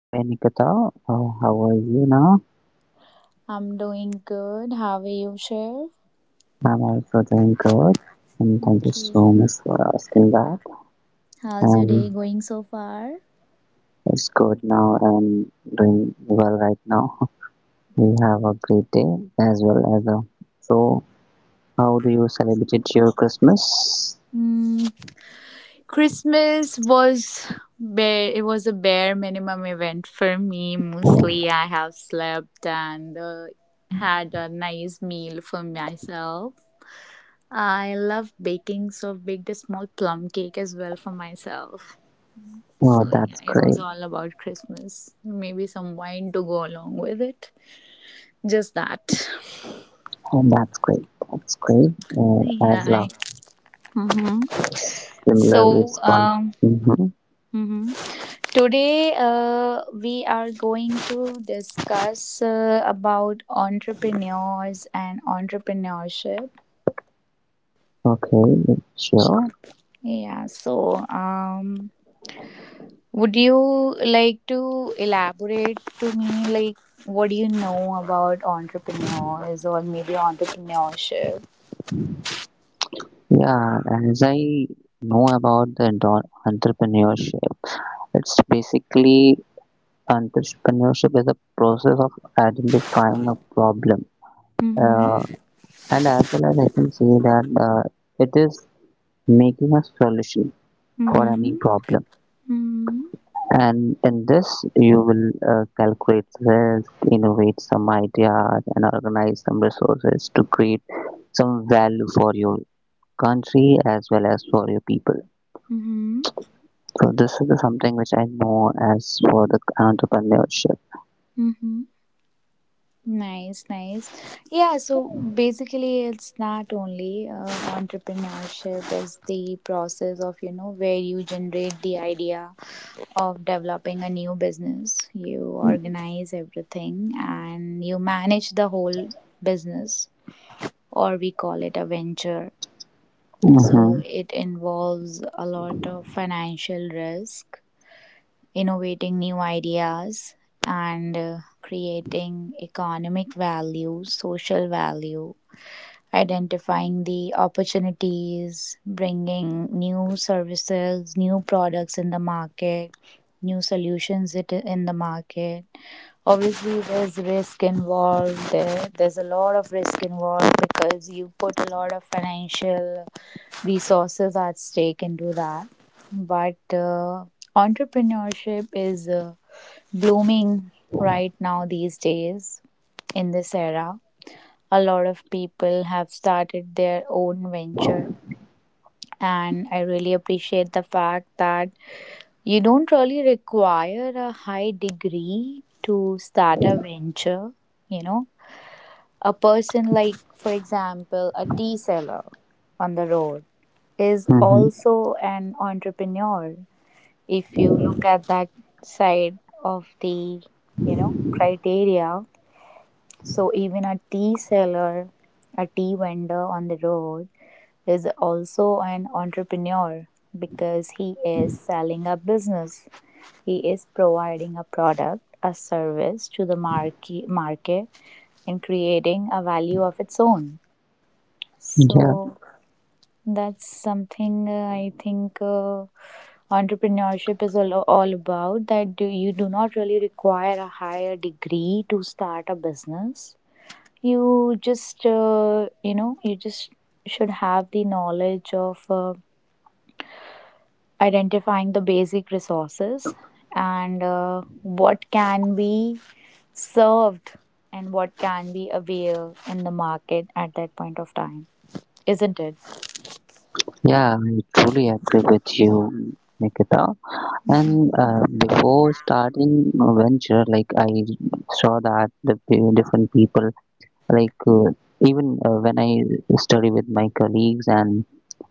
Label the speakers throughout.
Speaker 1: Hi Nikita, how are you now?
Speaker 2: I'm doing good. How are you, Shiv?
Speaker 1: I'm also doing good, and thank you so
Speaker 2: Okay.
Speaker 1: much for asking that.
Speaker 2: How's your day
Speaker 1: And
Speaker 2: going so far?
Speaker 1: it's good now and doing well right now. We have a great day as well as a. So, how do you celebrate your Christmas?
Speaker 2: Mm, Christmas was bare, it was a bare minimum event for me. Mostly, I have slept and had a nice meal for myself. I love baking, so I've baked a small plum cake as well for myself.
Speaker 1: Oh,
Speaker 2: So yeah,
Speaker 1: that's
Speaker 2: it was
Speaker 1: great.
Speaker 2: all about Christmas. Maybe some wine to go along with it. Just that.
Speaker 1: Oh, that's great. That's great. Uh,
Speaker 2: Yeah.
Speaker 1: as laughter
Speaker 2: Hmm
Speaker 1: is. Similarly, it's
Speaker 2: So,
Speaker 1: gone.
Speaker 2: um,
Speaker 1: Mm-hmm.
Speaker 2: mhm. Today we are going to discuss about entrepreneurs and entrepreneurship.
Speaker 1: Okay, sure.
Speaker 2: Yeah. So, would you like to elaborate to me, like, what do you know about entrepreneurs or maybe entrepreneurship?
Speaker 1: Yeah, as I know about the entrepreneurship, it's basically entrepreneurship is a process of identifying a problem,
Speaker 2: Mm-hmm.
Speaker 1: uh, and as well as I can see that it is making a solution for any
Speaker 2: Mm-hmm.
Speaker 1: problem.
Speaker 2: Mm-hmm.
Speaker 1: And in this, you will calculate risk, innovate some ideas, and organize some resources to create some value for your country as well as for your people. So this is the something which I know as for the entrepreneurship.
Speaker 2: Mm-hmm. Nice, nice. Yeah, so basically, it's not only entrepreneurship is the process of where you generate the idea of developing a new business. You organize everything and you manage the whole business, or we call it a venture.
Speaker 1: Hmm.
Speaker 2: So it involves a lot of financial risk, innovating new ideas, and creating economic value, social value, identifying the opportunities, bringing new services, new products in the market, new solutions in the market. Obviously, there's risk involved. There's a lot of risk involved because you put a lot of financial resources at stake into that. But entrepreneurship is blooming right now these days in this era. A lot of people have started their own venture, and I really appreciate the fact that you don't really require a high degree to start a venture. You know, a person like, for example, a tea seller on the road is
Speaker 1: Hmm.
Speaker 2: also an entrepreneur if you look at that side of the criteria. So even a tea seller, a tea vendor on the road is also an entrepreneur because he is selling a business. He is providing a product, a service to the market, and creating a value of its own.
Speaker 1: Yeah,
Speaker 2: So that's something, I think entrepreneurship is all about that. You do not really require a higher degree to start a business, you just should have the knowledge of identifying the basic resources and what can be served and what can be available in the market at that point of time, isn't it?
Speaker 1: yeah, I truly agree with you, Nikita. And before starting a venture, like I saw that the different people, like even when I study with my colleagues and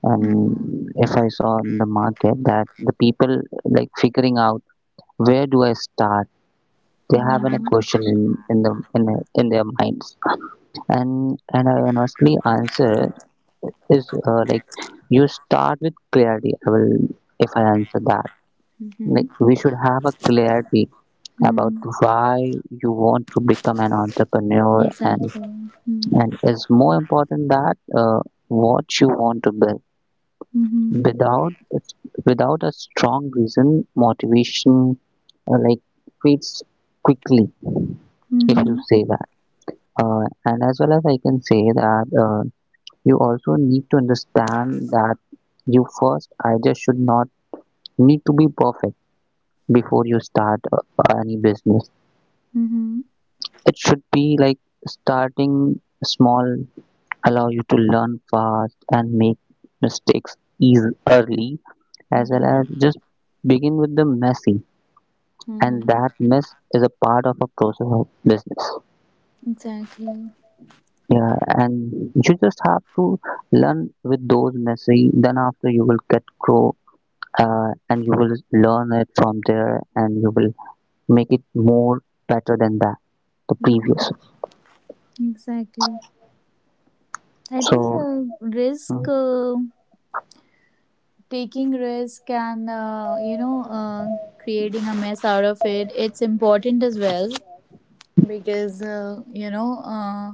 Speaker 2: Mm-hmm.
Speaker 1: if I saw in the market that the people like figuring out where do I start, they have an a
Speaker 2: Mm-hmm.
Speaker 1: question in in the in, in their minds, and I honestly answer is like you start with clarity. I will if I answer that
Speaker 2: Mm-hmm.
Speaker 1: like we should have a clarity about
Speaker 2: Mm.
Speaker 1: why you want to become an entrepreneur, and
Speaker 2: Exactly. Mm-hmm.
Speaker 1: and it's more important that what you want to build
Speaker 2: Mm-hmm.
Speaker 1: without without a strong reason motivation, like fades quickly if you say that. And as well as I can say that you also need to understand that you first idea should not need to be perfect before you start any business.
Speaker 2: Mm-hmm.
Speaker 1: It should be like starting small, allow you to learn fast and make mistakes easy early, as well
Speaker 2: Mm-hmm.
Speaker 1: as just begin with the messy, and
Speaker 2: Mm-hmm.
Speaker 1: that mess is a part of a process of business.
Speaker 2: Exactly.
Speaker 1: Yeah, and you just have to learn with those messy, then after you will get grow, and you will learn it from there and you will make it more better than that the previous.
Speaker 2: Exactly. I think
Speaker 1: So mm,
Speaker 2: taking risk and, creating a mess out of it, it's important as well because,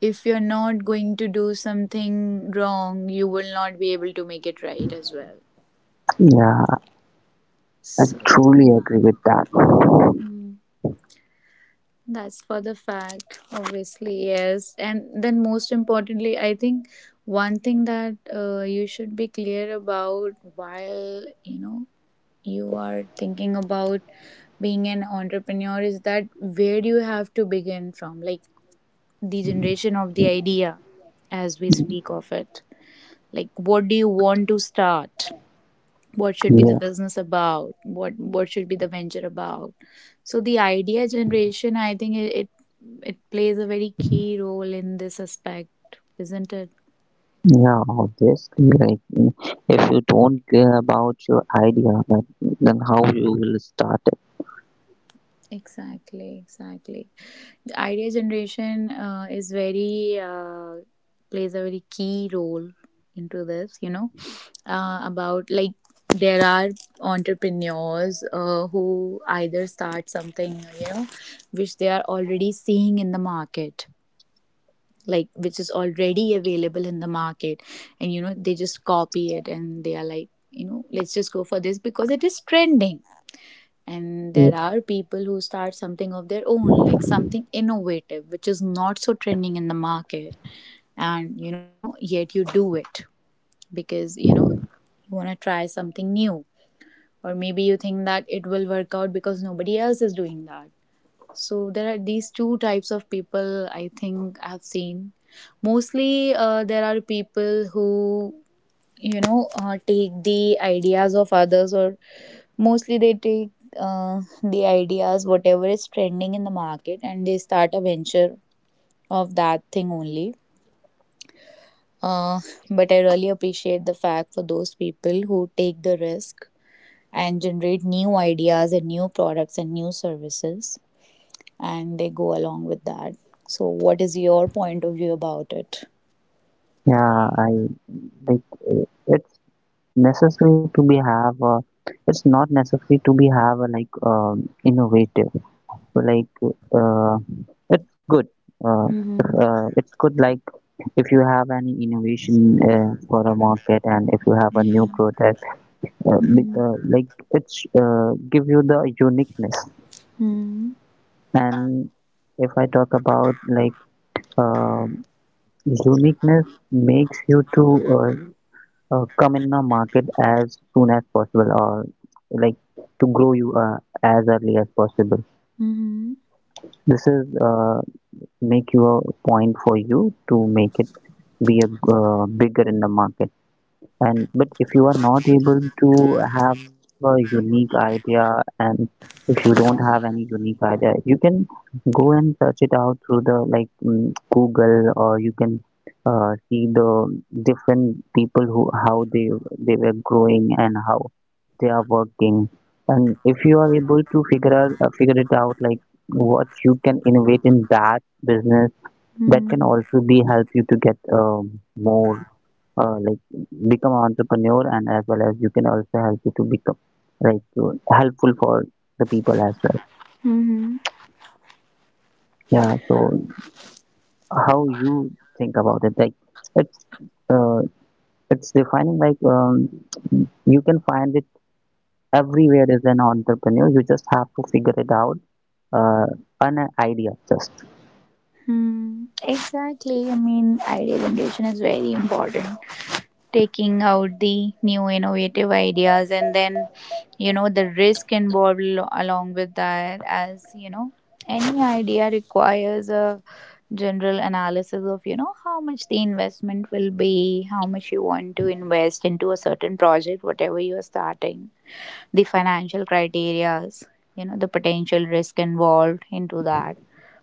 Speaker 2: if you're not going to do something wrong, you will not be able to make it right as well.
Speaker 1: yeah, I
Speaker 2: So,
Speaker 1: truly agree with that.
Speaker 2: mm, that's for the fact, obviously, yes. And then, most importantly, I think you are thinking about being an entrepreneur is that where do you have to begin from? Like the generation of the idea, as we speak of it. Like, what do you want to start? What should be
Speaker 1: Yeah,
Speaker 2: the business about? What should be the venture about? So the idea generation, I think it plays a very key role in this aspect, isn't it?
Speaker 1: yeah, obviously, like if you don't care about your idea, then how you will start it.
Speaker 2: Exactly, exactly. The idea generation is very plays a very key role into this. About like there are entrepreneurs who either start something which they are already seeing in the market, like which is already available in the market, and they just copy it and they are like, let's just go for this because it is trending. And there
Speaker 1: Yeah.
Speaker 2: are people who start something of their own, like something innovative which is not so trending in the market, and yet you do it because you want to try something new, or maybe you think that it will work out because nobody else is doing that. So there are these two types of people, I think I've seen. Mostly there are people who take the ideas of others, or mostly they take the ideas whatever is trending in the market and they start a venture of that thing only. uh, but I really appreciate the fact for those people who take the risk and generate new ideas and new products and new services, and they go along with that. So what is your point of view about it?
Speaker 1: Yeah, I like uh, it's necessary to be have a, it's not necessary to be have a like innovative. So like uh, it's good, uh, if,
Speaker 2: Mm-hmm.
Speaker 1: it's good like if you have any innovation for a market and if you have a new
Speaker 2: Yeah.
Speaker 1: product,
Speaker 2: Mm-hmm.
Speaker 1: like it's give you the uniqueness.
Speaker 2: Mm-hmm.
Speaker 1: And if I talk about like uh, uniqueness makes you to uh, come in the market as soon as possible, or like to grow you as early as possible.
Speaker 2: Mm-hmm.
Speaker 1: This is make you a point for you to make it be a bigger in the market. And but if you are not able to have a unique idea, and if you don't have any unique idea, you can go and search it out through the like Google, or you can see the different people who how they were growing and how they are working. And if you are able to figure it out like what you can innovate in that business, that can also be help you to get more, like become an entrepreneur, and as well as you can also help you to become like helpful for the people as well.
Speaker 2: Mm-hmm.
Speaker 1: Yeah, so how you think about it? Like it's uh, it's defining, like you can find it everywhere. As an entrepreneur, you just have to figure it out, uh, an idea just.
Speaker 2: Exactly. I mean, idea generation is very important. Taking out the new innovative ideas, and then, the risk involved along with that. As you know, any idea requires a general analysis of, how much the investment will be, how much you want to invest into a certain project, whatever you are starting, the financial criterias, the potential risk involved into that.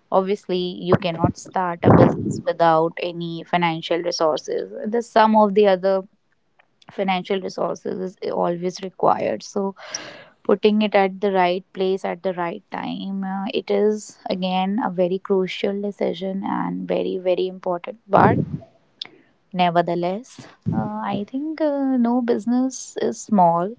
Speaker 2: Obviously, you cannot start a business without any financial resources. The sum of the other financial resources is always required, so putting it at the right place at the right time, it is again a very crucial decision and very very important. But, nevertheless, I think, no business is small,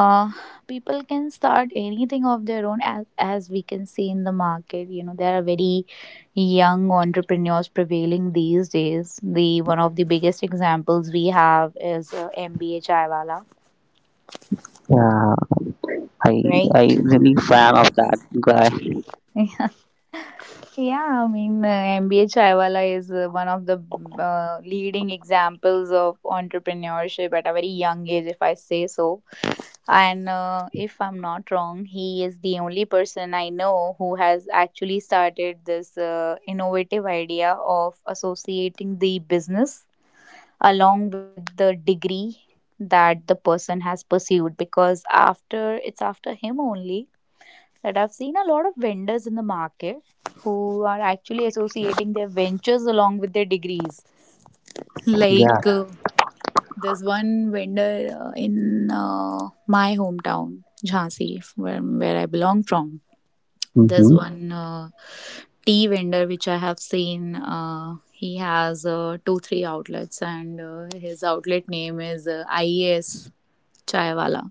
Speaker 2: uh, people can start anything of their own. As we can see in the market, there are very young entrepreneurs prevailing these days. The one of the biggest examples we have is MBA Chaiwala.
Speaker 1: Yeah, i I
Speaker 2: Right?
Speaker 1: really fan of that guy.
Speaker 2: Yeah, I mean, MBA Chaiwala is one of the leading examples of entrepreneurship at a very young age, if I say so. And if I'm not wrong, he is the only person I know who has actually started this innovative idea of associating the business along with the degree that the person has pursued, because after it's after him only that I've seen a lot of vendors in the market who are actually associating their ventures along with their degrees.
Speaker 1: Yeah.
Speaker 2: Like, there's one vendor in my hometown, Jhansi, where I belong from. There's
Speaker 1: Mm-hmm.
Speaker 2: one tea vendor which I have seen. He has two, three outlets, and his outlet name is IES Chaiwala.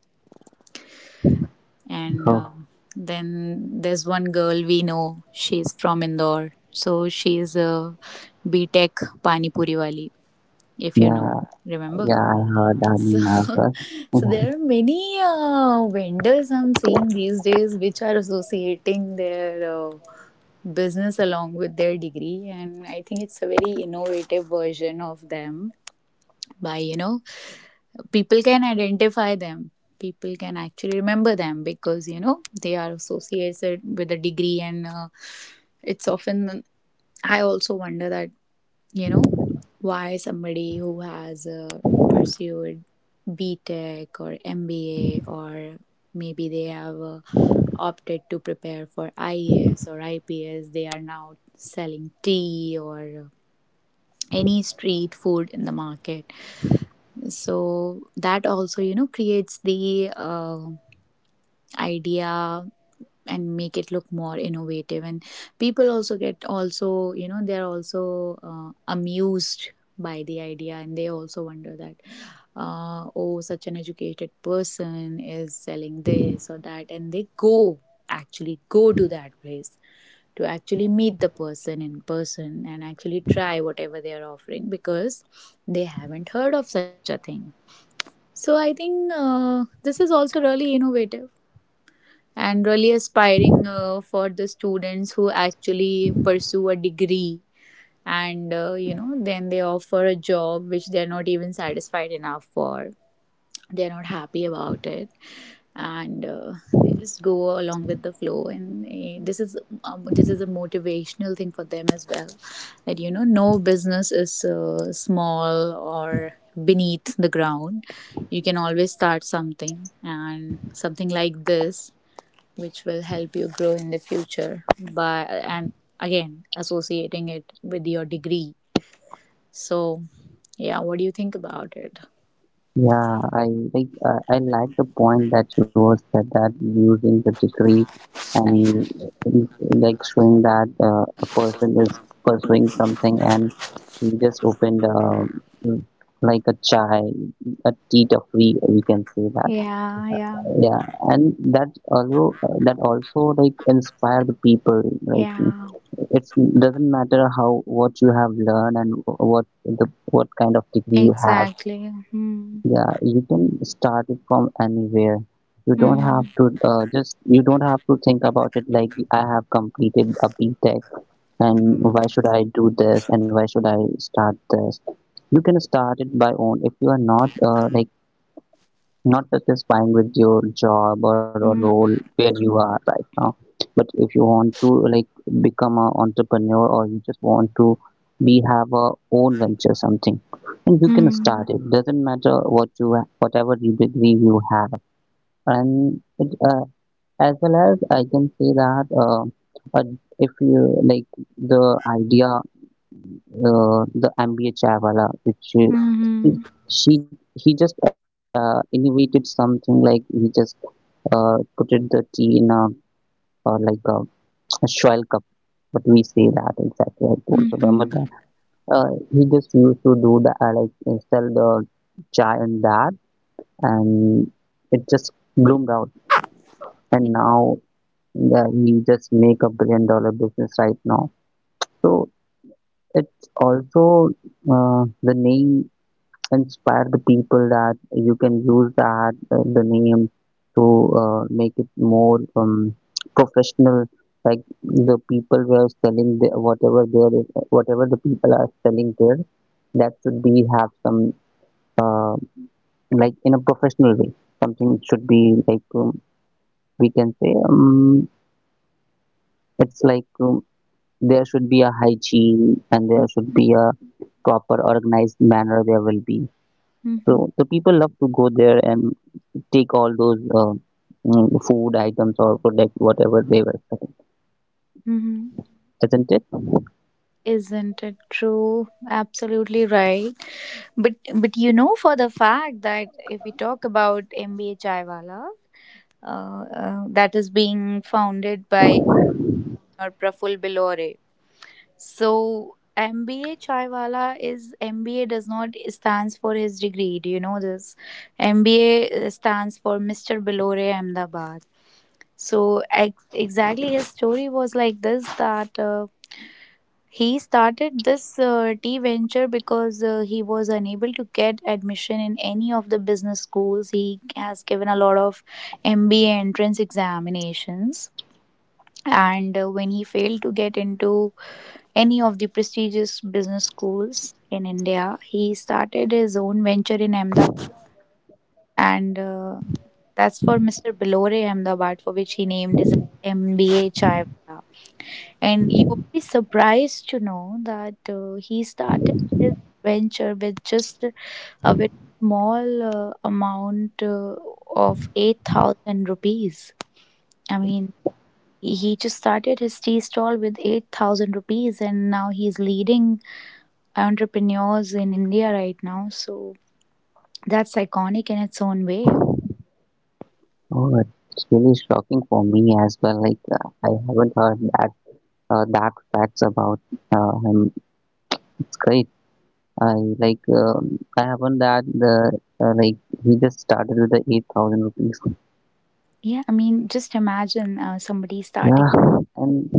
Speaker 2: And
Speaker 1: Oh,
Speaker 2: uh, then there's one girl we know. She's from Indore, so she's a B Tech Pani Puri wali, if you
Speaker 1: yeah.
Speaker 2: know. Remember?
Speaker 1: Yeah, I heard
Speaker 2: So,
Speaker 1: anime as
Speaker 2: so
Speaker 1: well.
Speaker 2: there are many vendors I'm seeing these days which are associating their business along with their degree, and I think it's a very innovative version of them. By, people can identify them, people can actually remember them because they are associated with a degree. And it's often I also wonder that you know why somebody who has pursued B Tech or MBA, or maybe they have a opted to prepare for IAS or IPS. They are now selling tea or any street food in the market. So that also, creates the idea and make it look more innovative. And people also get also, they're also amused by the idea, and they also wonder that oh, such an educated person is selling this or that. And they actually go to that place to actually meet the person in person and actually try whatever they are offering because they haven't heard of such a thing. So I think this is also really innovative and really aspiring for the students who actually pursue a degree and then they offer a job which they are not even satisfied enough for. They're not happy about it, and they just go along with the flow. And, this is a motivational thing for them as well, that no business is small or beneath the ground. You can always start something and something like this which will help you grow in the future, by and again associating it with your degree. So, yeah, what do you think about it?
Speaker 1: Yeah, I like the point that you was said that using the degree, and
Speaker 2: Yeah,
Speaker 1: like showing that a person is pursuing something and he just opened like a chai, a tea free we can say that.
Speaker 2: yeah, yeah.
Speaker 1: Yeah, and that also like inspire the people. Like
Speaker 2: Yeah.
Speaker 1: it doesn't matter how what you have learned and what the what kind of degree you have.
Speaker 2: Exactly. Hmm.
Speaker 1: Yeah, you can start it from anywhere. You don't
Speaker 2: Hmm.
Speaker 1: have to uh, just you don't have to think about it like I have completed a B Tech, and why should I do this and why should I start this. You can start it by own if you are not like not satisfying with your job or a role
Speaker 2: Hmm.
Speaker 1: where you are right now. But if you want to like become an entrepreneur or you just want to be have a own venture something, and you can
Speaker 2: Hmm.
Speaker 1: start it. Doesn't matter what you whatever you degree you have. And as well as I can say that, uh, if you like the idea, the MBA Chavala, which he,
Speaker 2: Hmm.
Speaker 1: he just innovated something like he just put it the tea in a like a Schwell cup, but we say that exactly. I don't
Speaker 2: Hmm.
Speaker 1: remember that. He just used to do the like sell the chai in that, and it just bloomed out. And now, yeah, he just make a billion dollar business right now. So it's also the name inspire the people that you can use that the name to make it more professional, like the people were selling the, whatever there is whatever the people are selling there, that should be have some, uh, like in a professional way. Something should be like, we can say, it's like, there should be a hygiene and there should be a proper organized manner there will be. So
Speaker 2: Hmm.
Speaker 1: the people love to go there and take all those food items or product whatever they were selling,
Speaker 2: Hmm.
Speaker 1: isn't it?
Speaker 2: Isn't it true? Absolutely right. But you know, for the fact that if we talk about MBA Chaiwala, that is being founded by or Praful Bilore. So MBA Chaiwala is, MBA does not stands for his degree. Do you know this? MBA stands for Mr. Bilore Ahmedabad. So exactly his story was like this, that he started this tea venture because he was unable to get admission in any of the business schools. He has given a lot of MBA entrance examinations, and when he failed to get into any of the prestigious business schools in India, he started his own venture in Ahmedabad. And that's for Mr. Belore Ahmedabad, for which he named his MBA Chaiwala. And you will be surprised to know that he started his venture with just a very small amount of 8,000 rupees. i mean He just started his tea stall with 8,000 rupees, and now he's leading entrepreneurs in India right now. So that's iconic in its own way.
Speaker 1: Oh, it's really shocking for me as well. Like I haven't heard that that facts about him. It's great. I I haven't that the, like he just started with the 8,000 rupees.
Speaker 2: Yeah, I mean, just imagine somebody starting
Speaker 1: Yeah, and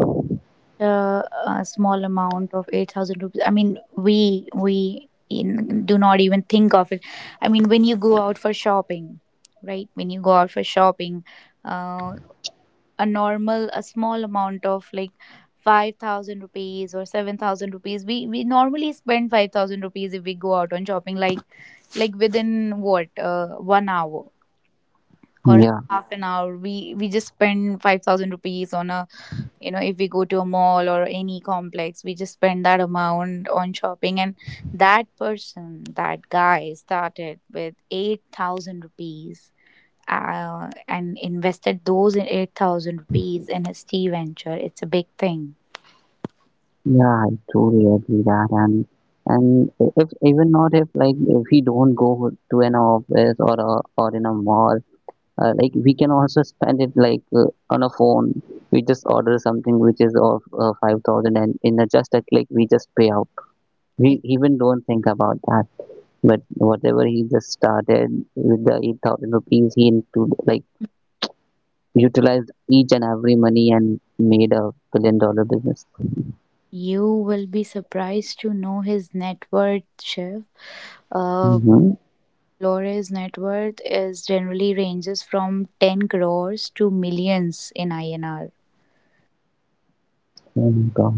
Speaker 2: a small amount of 8,000 rupees. I mean, we do not even think of it. I mean, when you go out for shopping, right? When you go out for shopping, uh, a normal, a small amount of like 5,000 rupees or 7,000 rupees. We normally spend 5,000 rupees if we go out on shopping, like within what 1 hour or
Speaker 1: yeah,
Speaker 2: half an hour, we just spend 5,000 rupees on a, you know, if we go to a mall or any complex, we just spend that amount on shopping. And that person, that guy started with 8,000 rupees and invested those in 8,000 rupees in his tea venture. It's a big thing.
Speaker 1: yeah, I totally agree that and. And if even not if like if he don't go to an office or or in a mall, like we can also spend it like on a phone. We just order something which is of 5,000, and in a just a click we just pay out. We even don't think about that. But whatever he just started with the 8,000 rupees, he into like utilized each and every money and made a billion dollar business.
Speaker 2: You will be surprised to know his net worth, Shiv. Uh,
Speaker 1: Mm-hmm.
Speaker 2: Flores' net worth is generally ranges from 10 crores to millions in INR.
Speaker 1: Oh my god.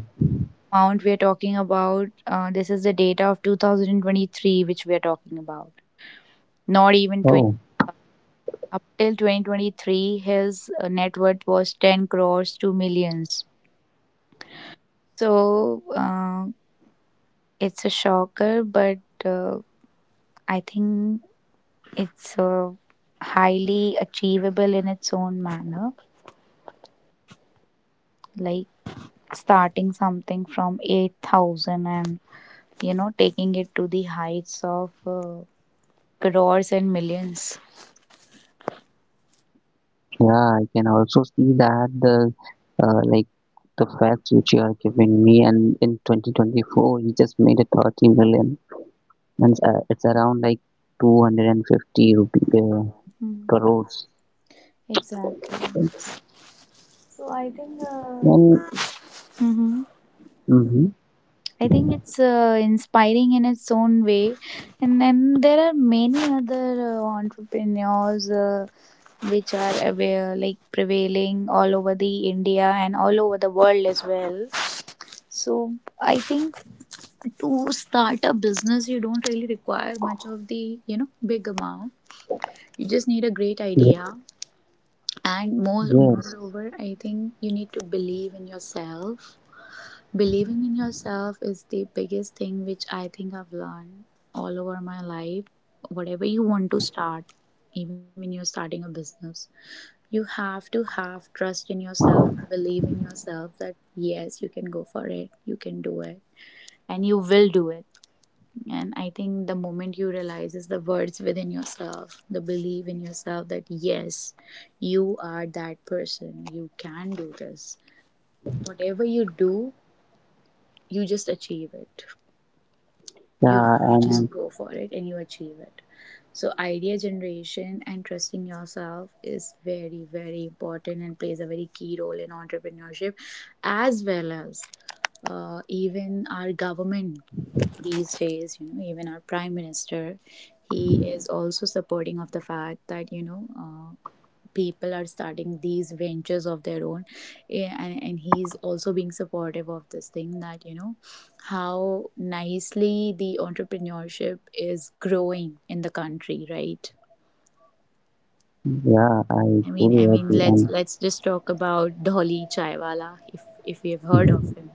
Speaker 2: Amount we are talking about, this is the data of 2023, which we are talking about. Not even 20.
Speaker 1: Oh,
Speaker 2: Up till 2023, his net worth was 10 crores to millions. So it's a shocker, but uh, I think it's highly achievable in its own manner, like starting something from 8,000 and, you know, taking it to the heights of crores and millions.
Speaker 1: yeah, I can also see that the, like the facts which you are giving me, and in 2024 he just made a 30 million, means it's around like 250 rupee,
Speaker 2: Hmm,
Speaker 1: crores.
Speaker 2: exactly. So I think
Speaker 1: And
Speaker 2: hmm,
Speaker 1: mhm,
Speaker 2: I think it's inspiring in its own way. And then there are many other entrepreneurs which are aware, like prevailing all over the India and all over the world as well. So I think, to start a business, you don't really require much of the, you know, big amount. You just need a great
Speaker 1: ye-
Speaker 2: idea, and more
Speaker 1: yes,
Speaker 2: moreover, I think you need to believe in yourself. Believing in yourself is the biggest thing which I think I've learned all over my life. Whatever you want to start, even when you're starting a business, you have to have trust in yourself, believe in yourself that yes, you can go for it, you can do it, and you will do it. And I think the moment you realize is the words within yourself, the belief in yourself that yes, you are that person, you can do this. Whatever you do, you just achieve it. you
Speaker 1: yeah,
Speaker 2: you
Speaker 1: and
Speaker 2: just go for it, and you achieve it. So idea generation and trusting yourself is very, very important, and plays a very key role in entrepreneurship, as well as even our government these days, you know, even our prime minister, he is also supporting of the fact that, you know, people are starting these ventures of their own. Yeah, and he's also being supportive of this thing that, you know, how nicely the entrepreneurship is growing in the country, right?
Speaker 1: yeah, I
Speaker 2: i mean i
Speaker 1: truly
Speaker 2: mean
Speaker 1: agree.
Speaker 2: let's
Speaker 1: And
Speaker 2: let's just talk about Dolly Chaiwala, if we have heard of
Speaker 1: mhm.
Speaker 2: him.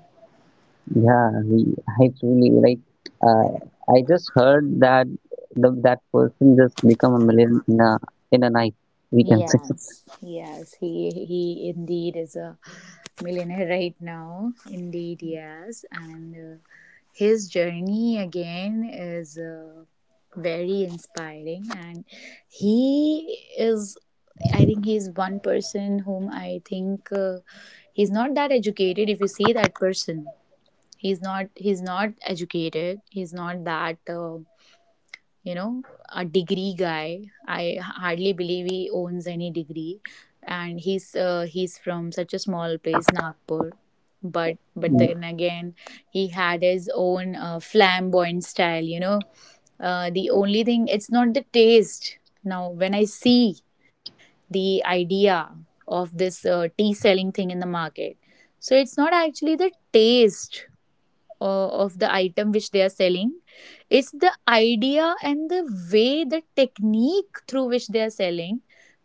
Speaker 1: Yeah, I truly like. Uh, I just heard that that person just become a million in in a night. We can say.
Speaker 2: Yes, yes, he indeed is a millionaire right now. Indeed, yes, and his journey again is very inspiring, and he is. I think he's one person whom I think he's not that educated. If you see that person, he's not educated. He's not that. You know, a degree guy. I hardly believe he owns any degree, and he's from such a small place, Nagpur. But
Speaker 1: Mm,
Speaker 2: then again, he had his own flamboyant style. You know, the only thing, it's not the taste. Now, when I see the idea of this tea selling thing in the market, so it's not actually the taste of the item which they are selling. It's the idea and the way, the technique through which they are selling,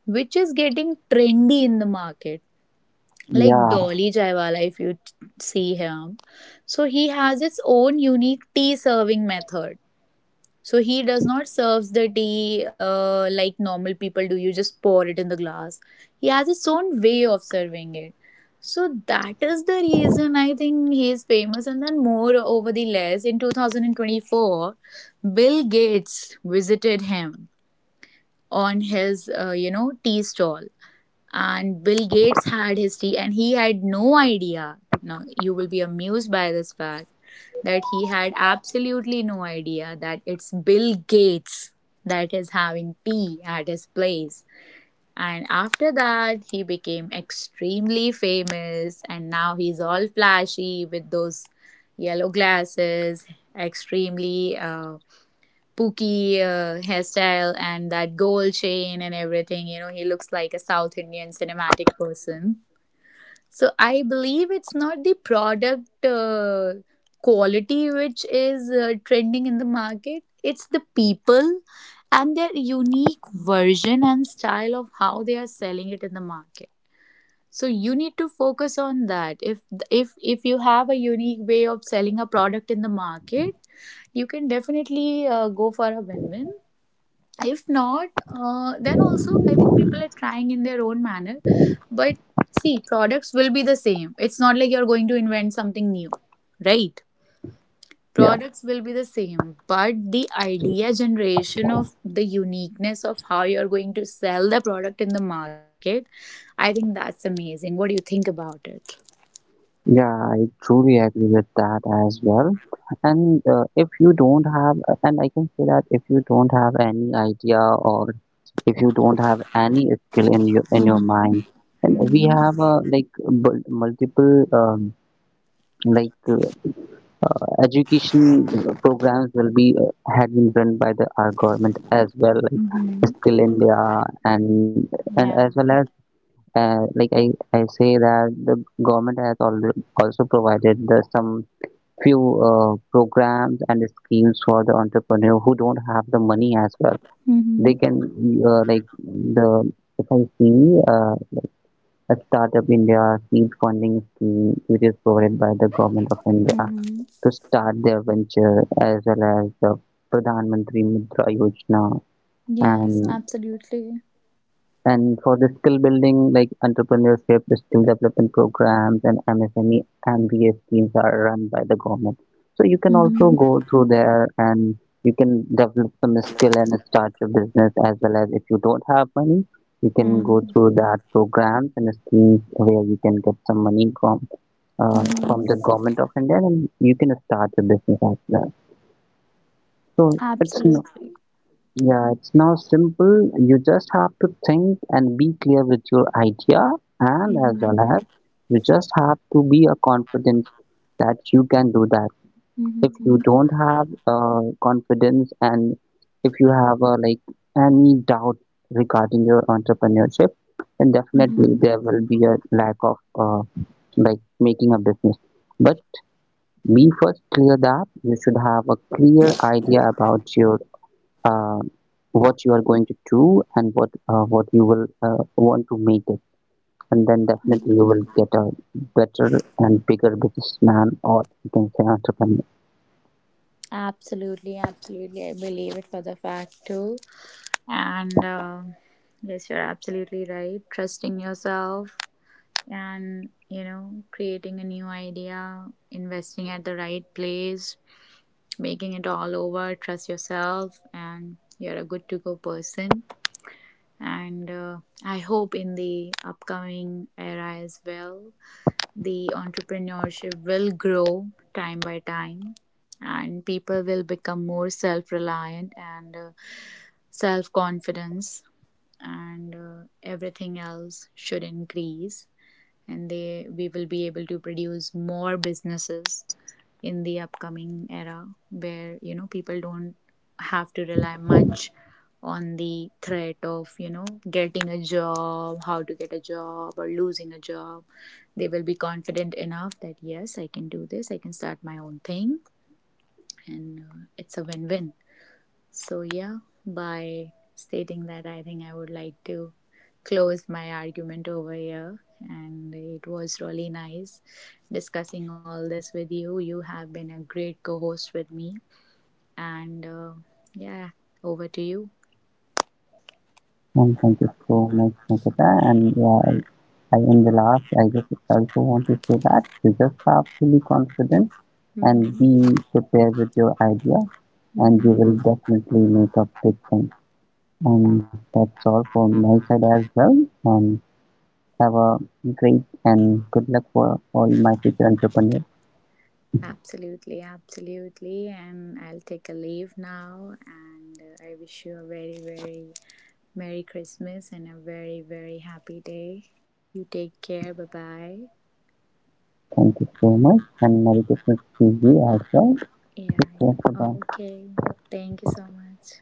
Speaker 2: which is getting trendy in the market. Like
Speaker 1: Yeah,
Speaker 2: Dolly Jaiwala, if you see him, so he has his own unique tea serving method. So he does not serves the tea like normal people do. You just pour it in the glass. He has his own way of serving it. So that is the reason I think he is famous. And then more over the less, in 2024, Bill Gates visited him on his you know, tea stall, and Bill Gates had his tea, and he had no idea. Now you will be amused by this fact that he had absolutely no idea that it's Bill Gates that is having tea at his place. And after that, he became extremely famous, and now he's all flashy with those yellow glasses, extremely pooky hairstyle, and that gold chain and everything. You know, he looks like a South Indian cinematic person. So I believe it's not the product quality which is trending in the market. It's the people and their unique version and style of how they are selling it in the market. So you need to focus on that. If you have a unique way of selling a product in the market, you can definitely go for a win-win. If not, then also I think people are trying in their own manner. But see, products will be the same. It's not like you're going to invent something new, right?
Speaker 1: yeah,
Speaker 2: Products will be the same, but the idea generation of the uniqueness of how you're going to sell the product in the market, I think that's amazing. What do you think about it?
Speaker 1: yeah, I truly agree with that as well. And if you don't have, and I can say that if you don't have any idea or if you don't have any skill in your
Speaker 2: Mhm.
Speaker 1: mind, and we
Speaker 2: Mhm.
Speaker 1: have like multiple, like, education programs will be had been run by the our government as well, like
Speaker 2: Mhm.
Speaker 1: Skill India, and and as
Speaker 2: Yeah.
Speaker 1: well as, like, I say that the government has also provided the some few programs and schemes for the entrepreneur who don't have the money as well. They
Speaker 2: Mhm.
Speaker 1: can, like the, if I see a Startup India seed funding scheme which is provided by the government of India
Speaker 2: Mhm.
Speaker 1: to start their venture, as well as the Pradhan Mantri Mudra Yojana,
Speaker 2: Yes,
Speaker 1: and
Speaker 2: absolutely.
Speaker 1: and for the skill building, like entrepreneurship, the skill development programs, and MSME MBA schemes are run by the government. So you can also
Speaker 2: Mhm.
Speaker 1: go through there and you can develop some skill and start your business, as well as if you don't have money, you can go
Speaker 2: Mhm.
Speaker 1: through that programs and schemes where you can get some money from the government of India, and you can start your business as well. So
Speaker 2: Absolutely.
Speaker 1: yeah, it's now simple. You just have to think and be clear with your idea, and as
Speaker 2: Mm-hmm.
Speaker 1: well as you just have to be a confident that you can do that. If
Speaker 2: Mm-hmm.
Speaker 1: you don't have confidence, and if you have like any doubt regarding your entrepreneurship, then definitely
Speaker 2: Mm-hmm.
Speaker 1: there will be a lack of like making a business. But be first clear that you should have a clear idea about your, uh, what you are going to do, and what you will want to make it, and then definitely you will get a better and bigger businessman, or you can say entrepreneur.
Speaker 2: Absolutely, absolutely. I believe it for the fact too. And yes, you're absolutely right. Trusting yourself and, you know, creating a new idea, investing at the right place, making it all over. Trust yourself, and you're a good to go person. And I hope in the upcoming era as well, the entrepreneurship will grow time by time, and people will become more self-reliant and self-confidence, and everything else should increase, and they we will be able to produce more businesses in the upcoming era where, you know, people don't have to rely much on the threat of, you know, getting a job, how to get a job or losing a job. They will be confident enough that yes, I can do this, I can start my own thing, and it's a win-win. So, yeah, by stating that, I think I would like to close my argument over here. And it was really nice discussing all this with you. You have been a great co host with me. And yeah, over to you.
Speaker 1: And thank you so much, Nikita, and yeah, I in the last I just also want to say that you just have to be confident and
Speaker 2: Hmm.
Speaker 1: be prepared with your idea, and you
Speaker 2: Hmm.
Speaker 1: will definitely make a big thing, and that's all from my side as well, and have a great and good luck for all my future entrepreneurs.
Speaker 2: Absolutely, absolutely. And I'll take a leave now. And I wish you a very, very Merry Christmas and a very, very happy day. You take care. Bye bye.
Speaker 1: Thank you so much, and Merry Christmas to you as well.
Speaker 2: Yeah,
Speaker 1: Okay, bye
Speaker 2: yeah.
Speaker 1: bye.
Speaker 2: Okay. Thank you so much.